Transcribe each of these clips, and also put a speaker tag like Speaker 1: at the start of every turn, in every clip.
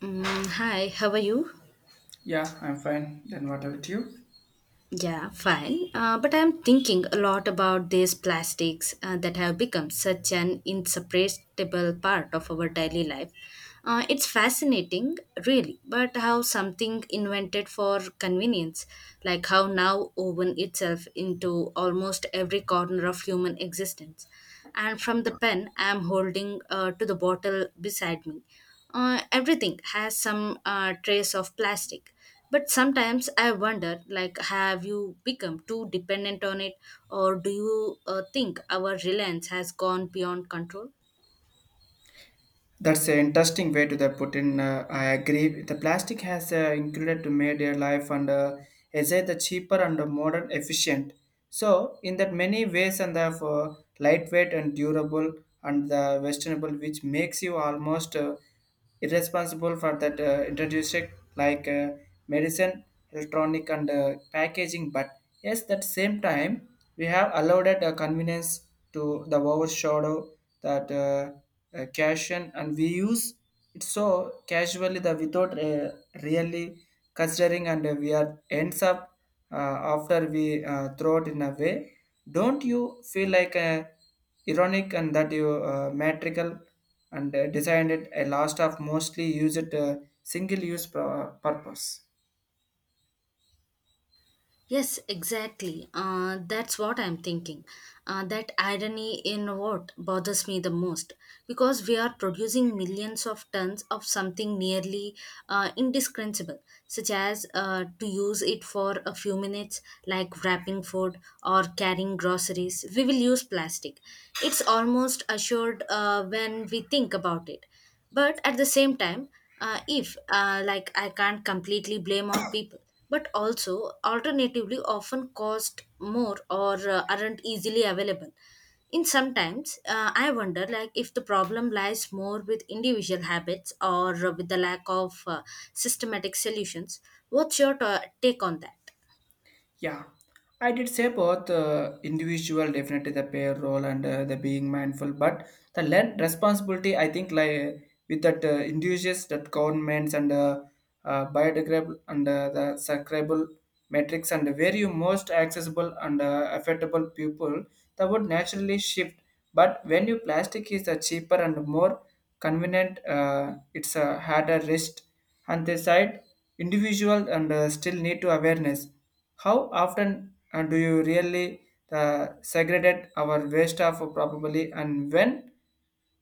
Speaker 1: Hi, how are you?
Speaker 2: Yeah, I'm fine. Then what about you?
Speaker 1: Yeah, fine. But I'm thinking a lot about these plastics that have become such an inseparable part of our daily life. It's fascinating, really, but how something invented for convenience, like how now woven itself into almost every corner of human existence. And from the pen I'm holding to the bottle beside me, everything has some trace of plastic, but sometimes I wonder, like, have you become too dependent on it, or do you think our reliance has gone beyond control?
Speaker 2: That's an interesting way to the put in. I agree. The plastic has included to made their life and is it the cheaper and the modern efficient. So in that many ways and the for lightweight and durable and the westernable, which makes you almost is responsible for that introduced like medicine, electronic, and packaging. But yes, that same time we have allowed a convenience to the overshadow that caution, and we use it so casually the without really considering, and we are ends up uh, after we throw it in a way. Don't you feel like ironic and that you metrical? And designed it a last of mostly used single use purpose.
Speaker 1: Yes, exactly. That's what I'm thinking. That irony in what bothers me the most because we are producing millions of tons of something nearly indiscernible, such as to use it for a few minutes, like wrapping food or carrying groceries. We will use plastic. It's almost assured when we think about it, but at the same time, if like I can't completely blame on people, but also alternatively often cost more or aren't easily available. In sometimes, I wonder, like, if the problem lies more with individual habits or with the lack of systematic solutions. What's your take on that?
Speaker 2: Yeah, I did say both individual definitely the pair role and the being mindful, but the learned responsibility I think like with that individuals that governments and biodegradable and the sacrable metrics and where you most accessible and affectable people that would naturally shift, but when you plastic is the cheaper and more convenient it's a harder risk and they said individual and still need to awareness. How often do you really segregate our waste of probably and when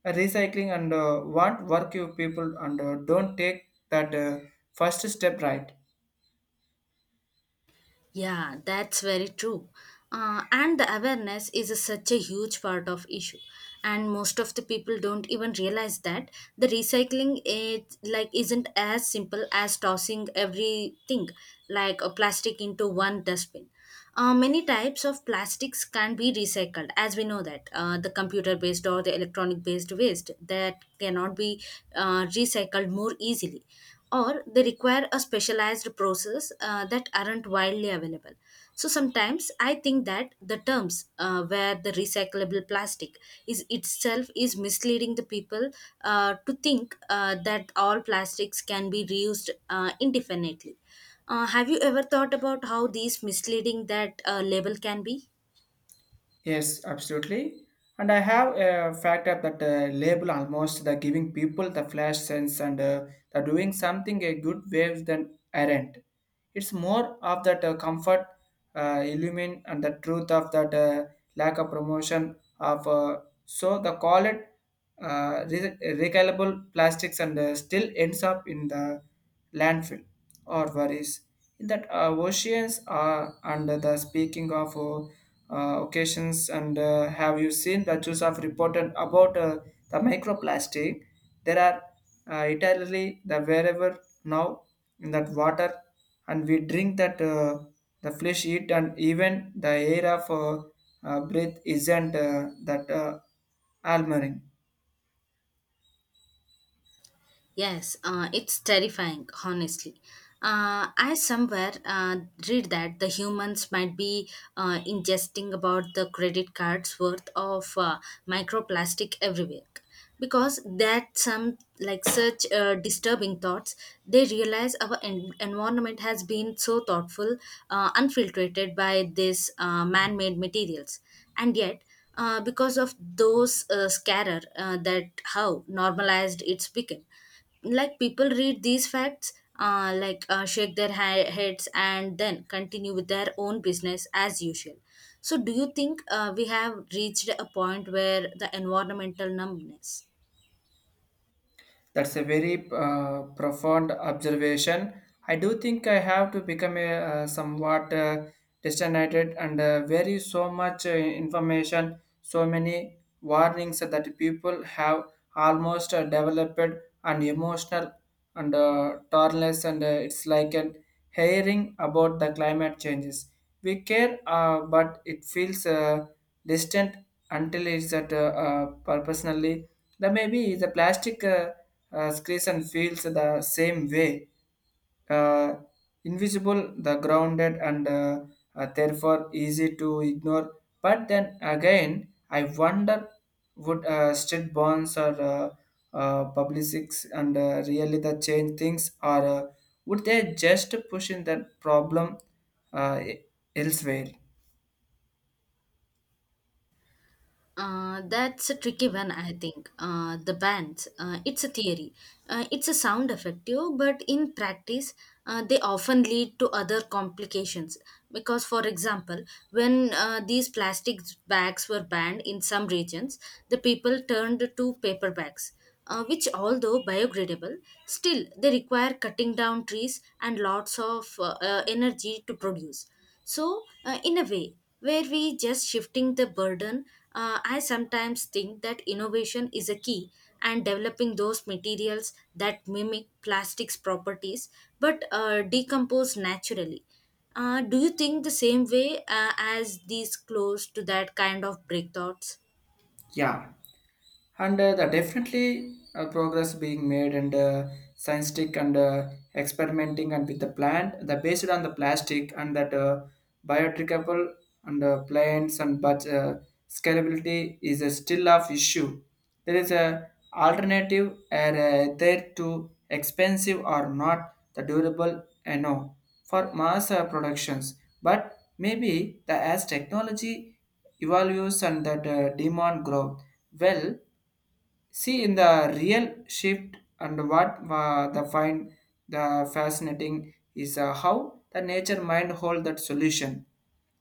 Speaker 2: recycling and what work you people and don't take that first step, right?
Speaker 1: Yeah, that's very true. And the awareness is a, such a huge part of issue, and most of the people don't even realize that the recycling it like isn't as simple as tossing everything like a plastic into one dustbin. Many types of plastics can be recycled, as we know that, the computer based or the electronic based waste that cannot be recycled more easily, or they require a specialized process that aren't widely available. So sometimes I think that the terms, where the recyclable plastic is itself is misleading the people to think that all plastics can be reused indefinitely. Have you ever thought about how these misleading that label can be?
Speaker 2: Yes, absolutely. And I have a factor that label almost the giving people the flash sense and the doing something a good waves than aren't. It's more of that comfort, illumine, and the truth of that lack of promotion of. So the call it recyclable plastics and still ends up in the landfill or worries in that oceans are under the speaking of occasions and have you seen the news of reported about the microplastic there are italy the wherever now in that water and we drink that the flesh eat and even the air of breath isn't that alluring.
Speaker 1: Yes, it's terrifying, honestly. I somewhere read that the humans might be ingesting about the credit cards worth of microplastic every week, because that some like such disturbing thoughts they realize our environment has been so thoughtful unfiltered by these man-made materials, and yet, because of those scarer that how normalized it's become. Like people read these facts, shake their heads and then continue with their own business as usual. So do you think we have reached a point where the environmental numbness?
Speaker 2: That's a very profound observation. I do think I have to become a somewhat distant and very so much information, so many warnings that people have almost developed and emotional and tolerance, and it's like an hearing about the climate changes. We care, but it feels. Distant until it's at purposely. The maybe the plastic screens feels the same way, uh, invisible, the grounded, and therefore easy to ignore. But then again, I wonder would state bonds or publicics and really the change things or would they just push in that problem uh, e-, elsewhere?
Speaker 1: That's a tricky one, I think. The bands, it's a theory. It's a sound effective, but in practice, they often lead to other complications. Because, for example, when these plastic bags were banned in some regions, the people turned to paper bags, which, although biodegradable, still they require cutting down trees and lots of energy to produce. So, in a way, where we just shifting the burden, I sometimes think that innovation is a key and developing those materials that mimic plastics properties but decompose naturally. Do you think the same way as these close to that kind of breakthroughs?
Speaker 2: Yeah. And the definitely progress being made and scientific and experimenting and with the plant the based on the plastic and that biodegradable and plants and but scalability is a still of issue. There is a alternative are there to expensive or not the durable and no for mass productions but maybe the as technology evolves and that demand growth well. See, in the real shift, and what the find the fascinating is how the nature mind hold that solution.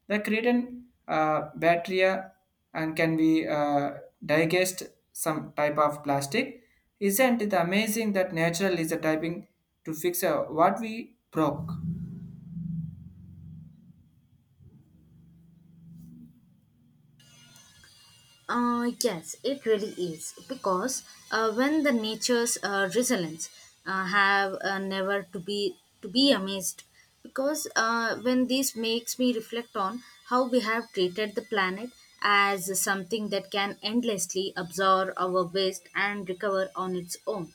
Speaker 2: The creatine bacteria and can be digest some type of plastic. Isn't it amazing that natural is a typing to fix what we broke?
Speaker 1: Yes, it really is because when the nature's resilience have never to be amazed, because when this makes me reflect on how we have treated the planet as something that can endlessly absorb our waste and recover on its own.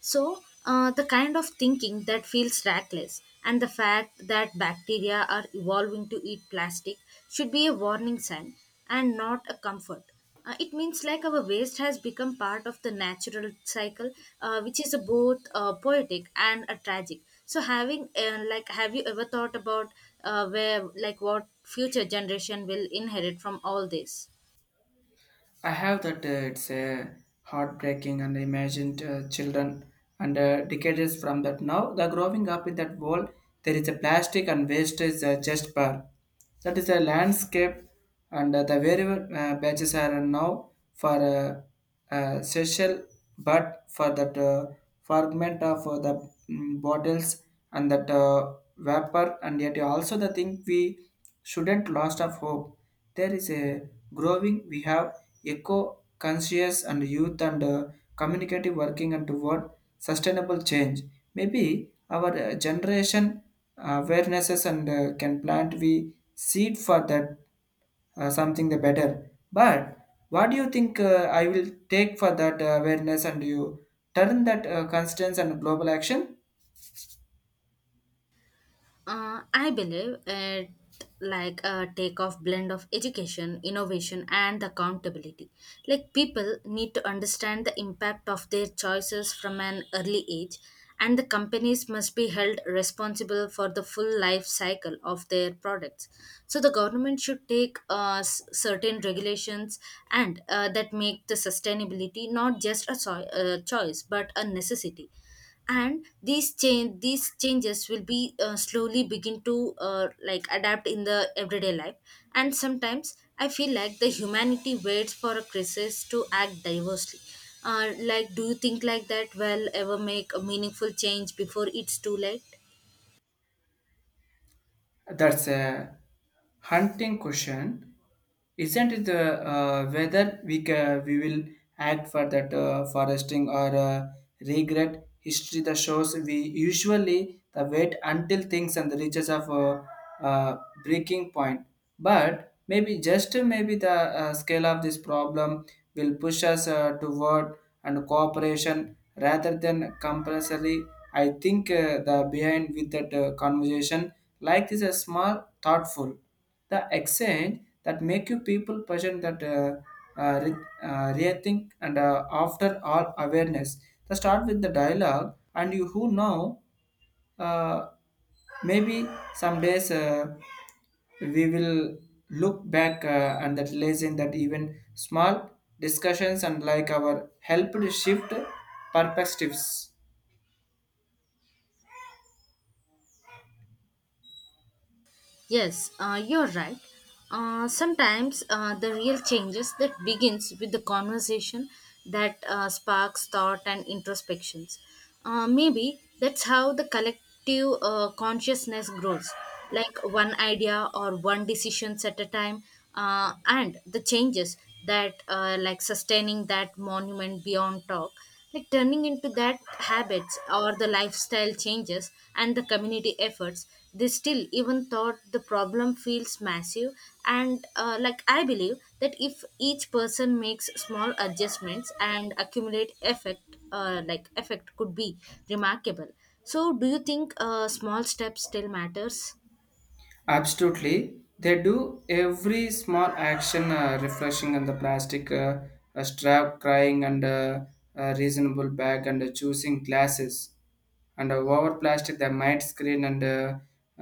Speaker 1: So, the kind of thinking that feels reckless, and the fact that bacteria are evolving to eat plastic should be a warning sign and not a comfort. It means like our waste has become part of the natural cycle, which is a both poetic and a tragic. So, having have you ever thought about where like what future generation will inherit from all this?
Speaker 2: I have that it's heartbreaking and imagined children and decades from that now the growing up in that world there is a plastic and waste is just bar that is a landscape and the variable badges are now for social but for that fragment of the bottles and that vapor and yet also the thing we shouldn't lost of hope there is a growing we have eco conscious and youth and communicative working and toward sustainable change. Maybe our generation awarenesses and can plant we seed for that something the better. But what do you think I will take for that awareness and you turn that constance and global action?
Speaker 1: I believe it like a takeoff blend of education, innovation, and accountability. Like people need to understand the impact of their choices from an early age, and the companies must be held responsible for the full life cycle of their products. So the government should take certain regulations and that make the sustainability not just a choice but a necessity, and these changes will be slowly begin to like adapt in the everyday life. And sometimes I feel like the humanity waits for a crisis to act diversely. Like do you think like that will ever make a meaningful change before it's too late?
Speaker 2: That's a hunting question, isn't it? The whether we will act for that foresting or regret history the shows we usually the wait until things and the reaches of uh, breaking point. But maybe just maybe the scale of this problem will push us toward and cooperation rather than compulsory. I think the behind with that conversation like this a small thoughtful the exchange that make you people person that rethink and after all awareness. The start with the dialogue and you who know uh, maybe some days we will look back and that lesson that even small discussions and like our helped shift perspectives.
Speaker 1: Yes, you're right. Sometimes the real changes that begins with the conversation that sparks thought and introspections. Maybe that's how the collective consciousness grows, like one idea or one decisions at a time, and the changes that like sustaining that monument beyond talk, like turning into that habits or the lifestyle changes and the community efforts. They still even thought the problem feels massive, and like I believe that if each person makes small adjustments and accumulate effect effect could be remarkable. So do you think small steps still matters?
Speaker 2: Absolutely, they do every small action refreshing on the plastic strap, crying and reasonable bag and choosing glasses. And over plastic might screen and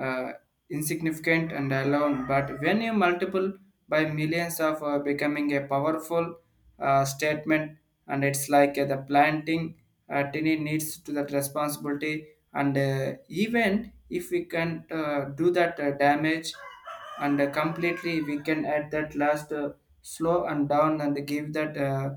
Speaker 2: uh, insignificant and alone but when you multiple by millions of becoming a powerful statement and it's like the planting tiny needs to that responsibility and even if we can do that damage and completely we can add that last slow and down and give that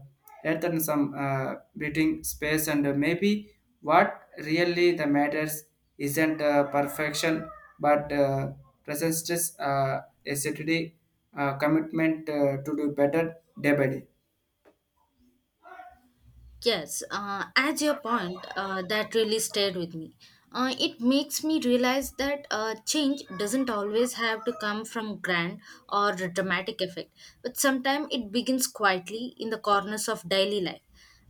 Speaker 2: earth and some breathing space and maybe what really the matters isn't perfection but presents acidity commitment to do better day by day.
Speaker 1: Yes, as your point, that really stayed with me. It makes me realize that change doesn't always have to come from grand or dramatic effect, but sometimes it begins quietly in the corners of daily life.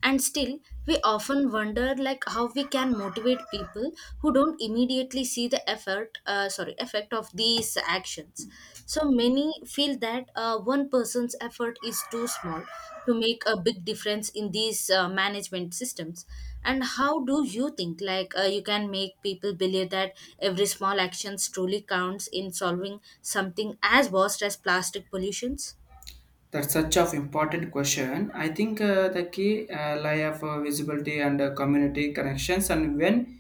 Speaker 1: And still, we often wonder like how we can motivate people who don't immediately see the effort sorry effect of these actions. So many feel that one person's effort is too small to make a big difference in these management systems. And how do you think like you can make people believe that every small actions truly counts in solving something as vast as plastic pollutions?
Speaker 2: That's such of important question. I think the key lie of visibility and community connections, and when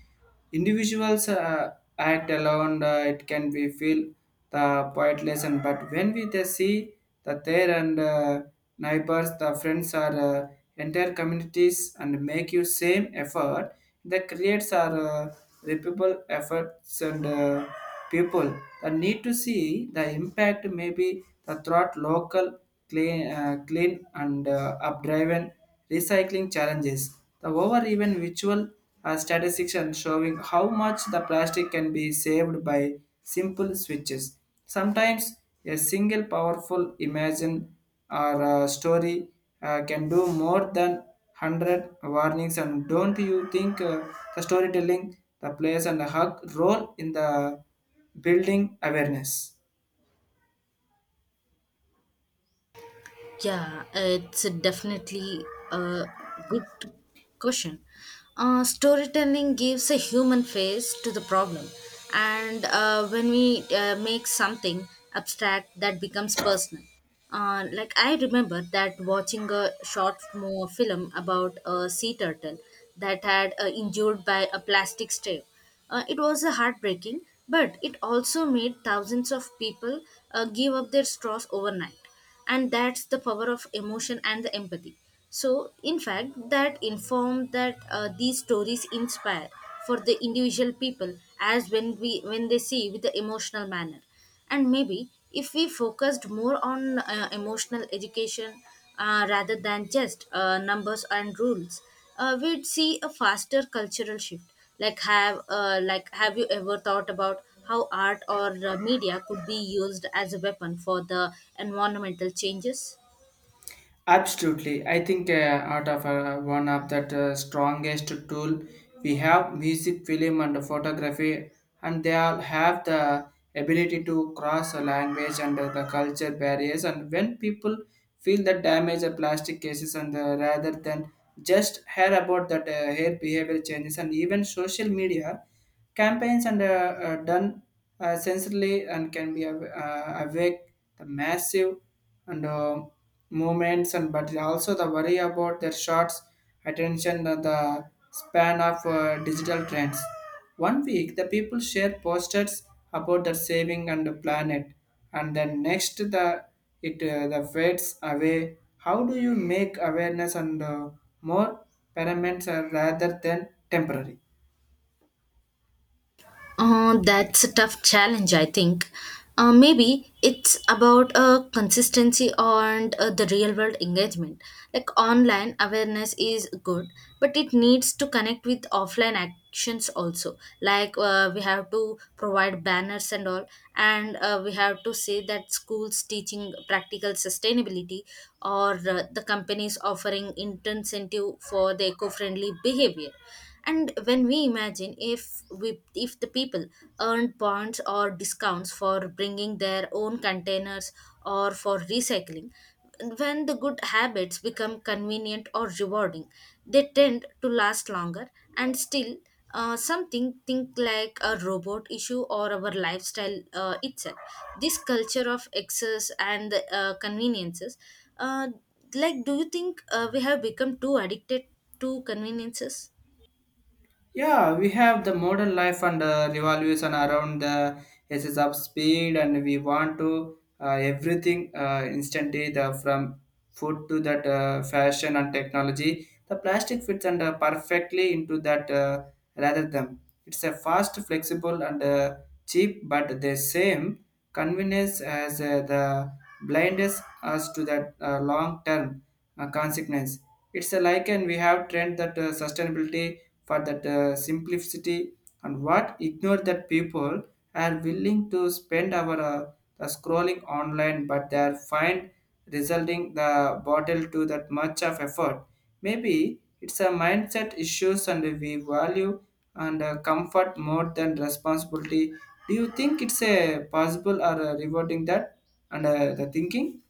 Speaker 2: individuals act alone, it can be feel the pointless. And but when we they see that their and neighbors, the friends, or entire communities, and make you same effort, that creates our repeatable efforts and people that need to see the impact. Maybe the throughout local clean and updriven recycling challenges. The over even virtual statistics and showing how much the plastic can be saved by simple switches. Sometimes a single powerful imagine or story can do more than 100 warnings and don't you think the storytelling the plays and the hug role in the building awareness?
Speaker 1: Yeah, it's definitely a good question. Storytelling gives a human face to the problem, and when we make something abstract, that becomes personal. Like I remember that watching a short film about a sea turtle that had injured by a plastic straw. It was a heartbreaking, but it also made thousands of people give up their straws overnight, and that's the power of emotion and the empathy. So in fact that inform that these stories inspire for the individual people, as when they see with the emotional manner. And maybe if we focused more on emotional education, rather than just numbers and rules, we'd see a faster cultural shift. Like have you ever thought about how art or media could be used as a weapon for the environmental changes?
Speaker 2: Absolutely. I think out of one of that strongest tool we have music, film, and photography, and they all have the ability to cross a language and the culture barriers. And when people feel the damage of plastic cases, and rather than just hear about that hair behavior changes, and even social media campaigns and done sensibly and can be awake the massive and movements and but also the worry about their shots attention the span of digital trends. One week the people share posters about their saving and the planet and then next the it the fades away. How do you make awareness and more paraments rather than temporary?
Speaker 1: That's a tough challenge, I think. Maybe it's about consistency and the real world engagement. Like online awareness is good, but it needs to connect with offline actions also. We have to provide banners and all, and we have to say that schools teaching practical sustainability or the companies offering incentive for the eco friendly behavior. And when we imagine, if the people earned points or discounts for bringing their own containers or for recycling, when the good habits become convenient or rewarding, they tend to last longer. And still, something think like a robot issue or our lifestyle itself, this culture of excess and conveniences. uh, like do you think we have become too addicted to conveniences?
Speaker 2: Yeah, we have the modern life and revolution around the SS of speed, and we want to everything instantly the from food to that fashion and technology. The plastic fits and perfectly into that rather than it's a fast, flexible, and cheap, but the same convenience as the blindness as to that long term consequence. It's a like and we have trend that sustainability for that simplicity and what ignore that people are willing to spend our the scrolling online but they are find resulting the bottle to that much of effort. Maybe it's a mindset issues and we value and comfort more than responsibility. Do you think it's a possible or rewarding that and the thinking?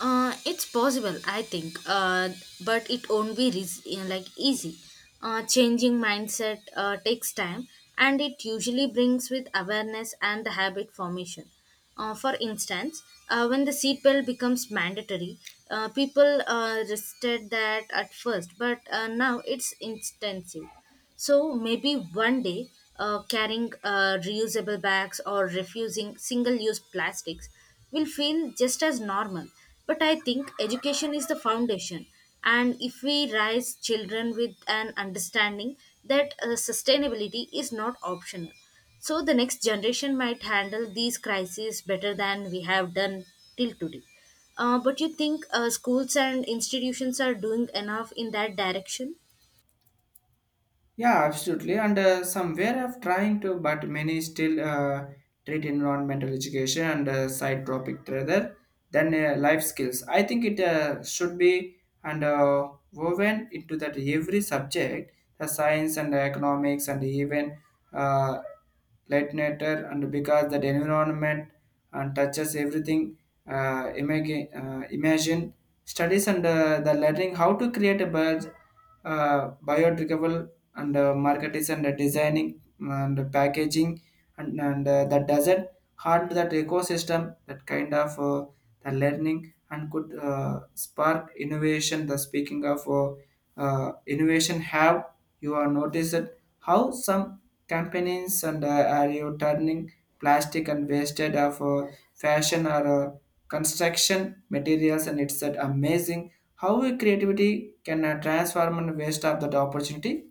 Speaker 1: It's possible, I think, but it won't be you know, like easy. Changing mindset takes time, and it usually brings with awareness and the habit formation. For instance, when the seatbelt becomes mandatory, people resisted that at first, but now it's intensive. So maybe one day, carrying reusable bags or refusing single use plastics will feel just as normal. But I think education is the foundation. And if we raise children with an understanding that sustainability is not optional, so the next generation might handle these crises better than we have done till today. But you think schools and institutions are doing enough in that direction?
Speaker 2: Yeah, absolutely. And somewhere of trying to, but many still treat environmental education and side topic rather than life skills. I think it should be and woven into that every subject, the science and economics and even uh, lightnator and because that environment and touches everything imagine studies and the learning how to create a bird biodegradable and market is and designing and packaging and that doesn't harm that ecosystem, that kind of the learning and could spark innovation. The speaking of innovation, have you are noticed how some companies and are you turning plastic and wasted of fashion or construction materials, and it's that amazing how creativity can transform and waste of that opportunity.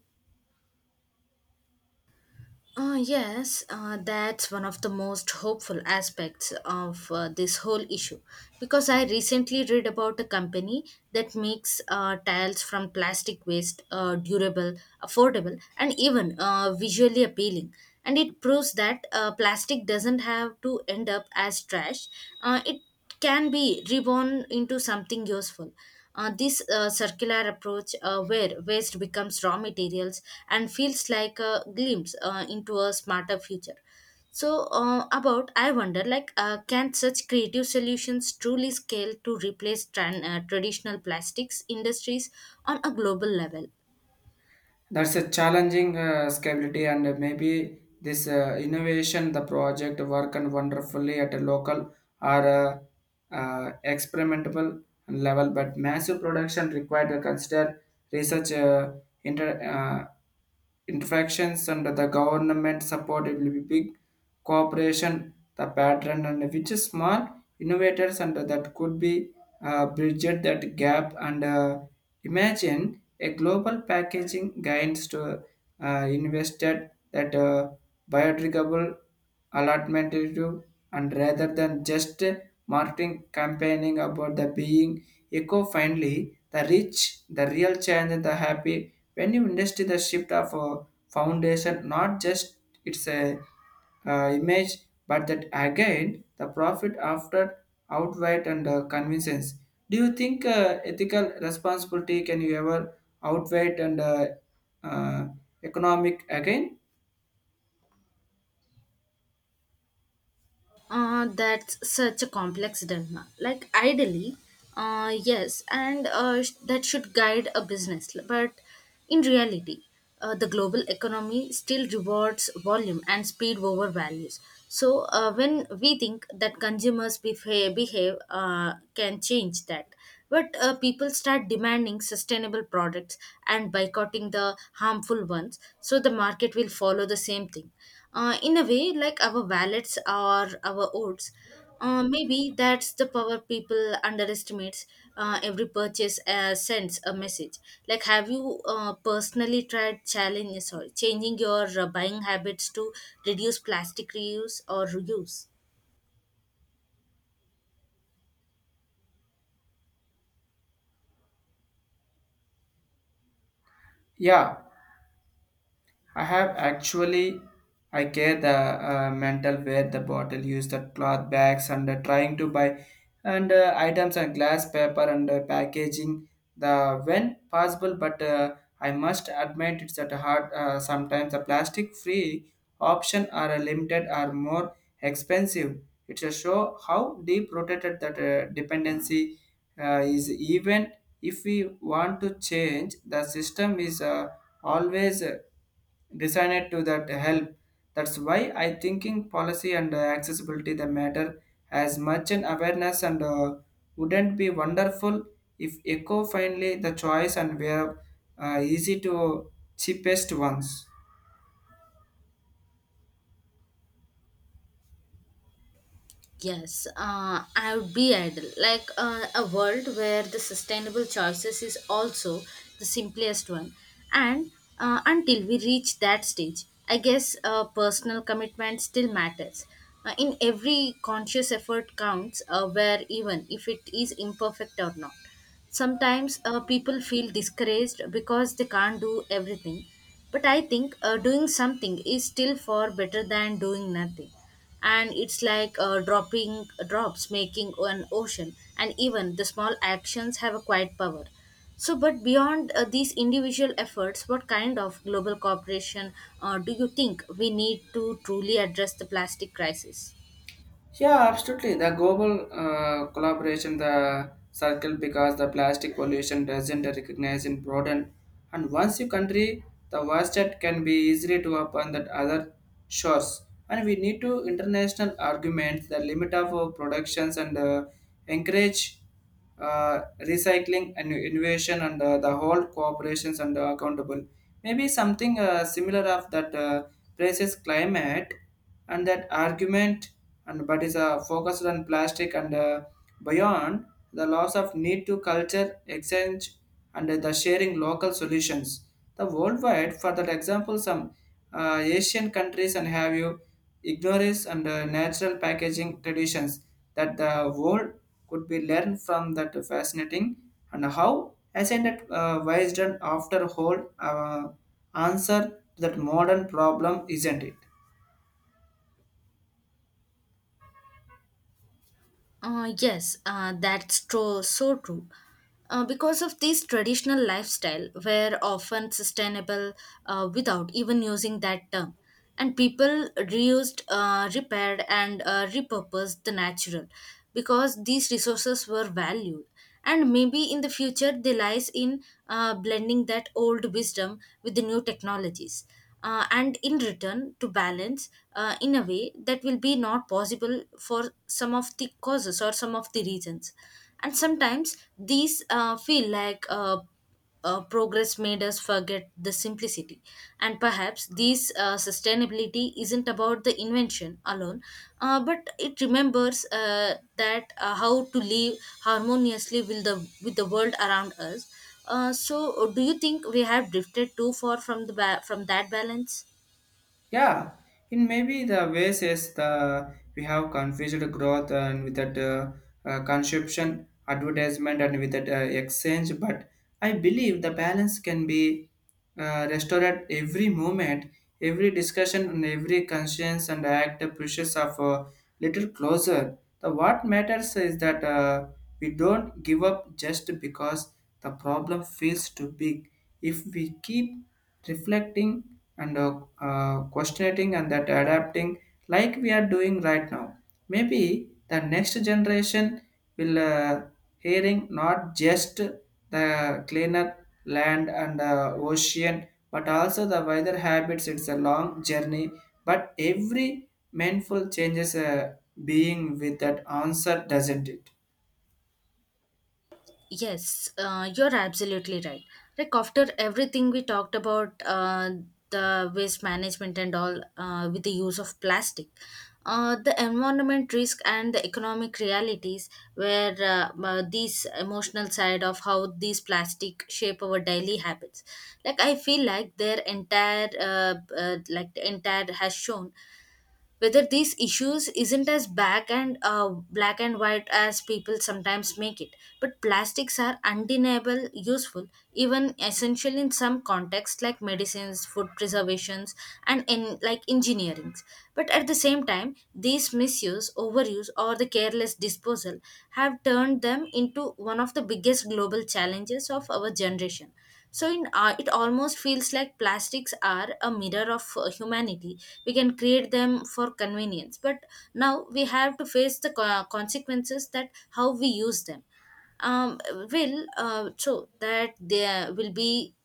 Speaker 1: Yes, that's one of the most hopeful aspects of this whole issue, because I recently read about a company that makes tiles from plastic waste, durable, affordable, and even visually appealing. And it proves that plastic doesn't have to end up as trash. It can be reborn into something useful. This circular approach, where waste becomes raw materials and feels like a glimpse into a smarter future. So, about I wonder, like, can such creative solutions truly scale to replace traditional plastics industries on a global level?
Speaker 2: That's a challenging scalability, and maybe this innovation, the project work and wonderfully at a local or experimental and level, but massive production required to consider research inter, uh, interactions under the government support. It will be big cooperation, the pattern, and which is small innovators under that could be bridged that gap. And imagine a global packaging guidance to invested that biodegradable alternative and rather than just marketing campaigning about the being eco-friendly, the rich, the real change and the happy. When you invest in the shift of a foundation, not just it's a image, but that again the profit after outright and convenience. Do you think ethical responsibility can you ever outweigh and uh, economic again?
Speaker 1: That's such a complex dilemma. Like, ideally, yes, and that should guide a business. But in reality, the global economy still rewards volume and speed over values. So, when we think that consumers behave can change that, but people start demanding sustainable products and boycotting the harmful ones, so the market will follow the same thing in a way, like our wallets or our oats. Maybe that's the power people underestimates. Every purchase sends a message. Like, have you personally tried challenge sorry changing your buying habits to reduce plastic reuse or reuse?
Speaker 2: Yeah, I have actually. I care the mental where the bottle use the cloth bags and trying to buy and items and glass paper and packaging the when possible. But I must admit it's at a hard sometimes the plastic free option are limited or more expensive. It's a show how deep rooted that dependency is. Even if we want to change, the system is always designed to that help. That's why I thinking policy and accessibility the matter as much an awareness, and wouldn't be wonderful if eco finally the choice and were easy to cheapest ones.
Speaker 1: Yes, I would be ideal. Like, a world where the sustainable choices is also the simplest one. And until we reach that stage, I guess personal commitment still matters. In every conscious effort counts, where even if it is imperfect or not, sometimes people feel discouraged because they can't do everything, but I think doing something is still far better than doing nothing. And it's like dropping drops making an ocean, and even the small actions have a quiet power. So, but beyond these individual efforts, what kind of global cooperation do you think we need to truly address the plastic crisis?
Speaker 2: Yeah, absolutely. The global collaboration, the circle, because the plastic pollution doesn't recognize in broaden. And once you country, the worst that can be easily to upon that other shores. And we need to international arguments the limit of our productions and encourage recycling and innovation and the whole cooperations and accountable, maybe something similar of that praises climate and that argument, and but is focused on plastic and beyond the loss of need to culture exchange and the sharing local solutions the worldwide. For that example, some asian countries and have you ignores and natural packaging traditions that the world could be learned from. That fascinating and how ascended wisdom after whole answer to that modern problem, isn't it?
Speaker 1: Yes, that's true, so true. Because of this traditional lifestyle, were often sustainable without even using that term, and people reused, repaired, and repurposed the natural because these resources were valued. And maybe in the future they lies in blending that old wisdom with the new technologies, and in return to balance in a way that will be not possible for some of the causes or some of the reasons. And sometimes these feel like progress made us forget the simplicity. And perhaps this sustainability isn't about the invention alone, but it remembers that how to live harmoniously with the world around us. So, do you think we have drifted too far from the from that balance?
Speaker 2: Yeah, in maybe the ways is the we have confused growth and with that consumption, advertisement, and with that exchange. But I believe the balance can be restored at every moment, every discussion, and every conscience and act pushes of a little closer. The what matters is that we don't give up just because the problem feels too big. If we keep reflecting and questioning and that adapting, like we are doing right now, maybe the next generation will hearing not just the cleaner land and ocean but also the weather habits. It's a long journey but every mindful changes being with that answer, doesn't it?
Speaker 1: Yes, you're absolutely right. Like, after everything we talked about, the waste management and all, with the use of plastic, the environment risk and the economic realities, where these emotional side of how these plastic shape our daily habits. Like, I feel like their entire, like the entire, has shown whether these issues isn't as black and white as people sometimes make it. But plastics are undeniable useful, even essential in some contexts like medicines, food preservations, and in like engineerings. But at the same time, these misuse, overuse, or the careless disposal have turned them into one of the biggest global challenges of our generation. So in art, it almost feels like plastics are a mirror of humanity. We can create them for convenience, but now we have to face the consequences that how we use them. um, will so that there will be,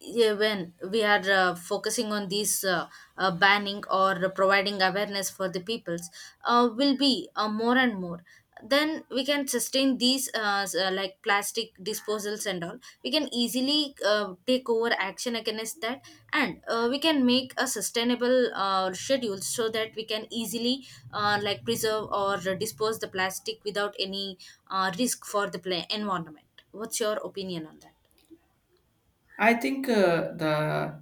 Speaker 1: yeah, when we are focusing on these banning or providing awareness for the peoples will be more and more, then we can sustain these like plastic disposals and all. We can easily take over action against that, and we can make a sustainable schedule so that we can easily like preserve or dispose the plastic without any risk for the environment. What's your opinion on that?
Speaker 2: I think the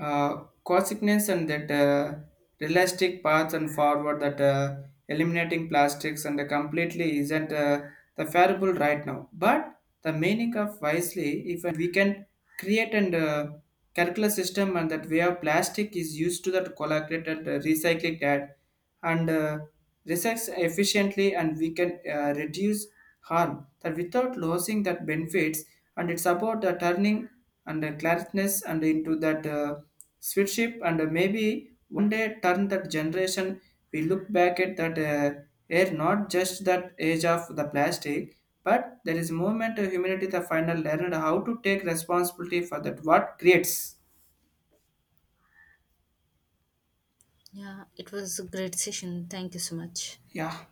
Speaker 2: consequence and that realistic path and forward that eliminating plastics and the completely isn't the favorable right now. But the meaning of wisely, if we can create and calculate system and that way of plastic is used to that collaborated and recycled that and research efficiently, and we can reduce harm that without losing that benefits. And it's about the turning and the clarkness and into that stewardship, and maybe one day turn that generation we look back at that air, not just that age of the plastic but there is movement to humanity the final learned how to take responsibility for that what creates.
Speaker 1: Yeah, it was a great session. Thank you so much.
Speaker 2: Yeah.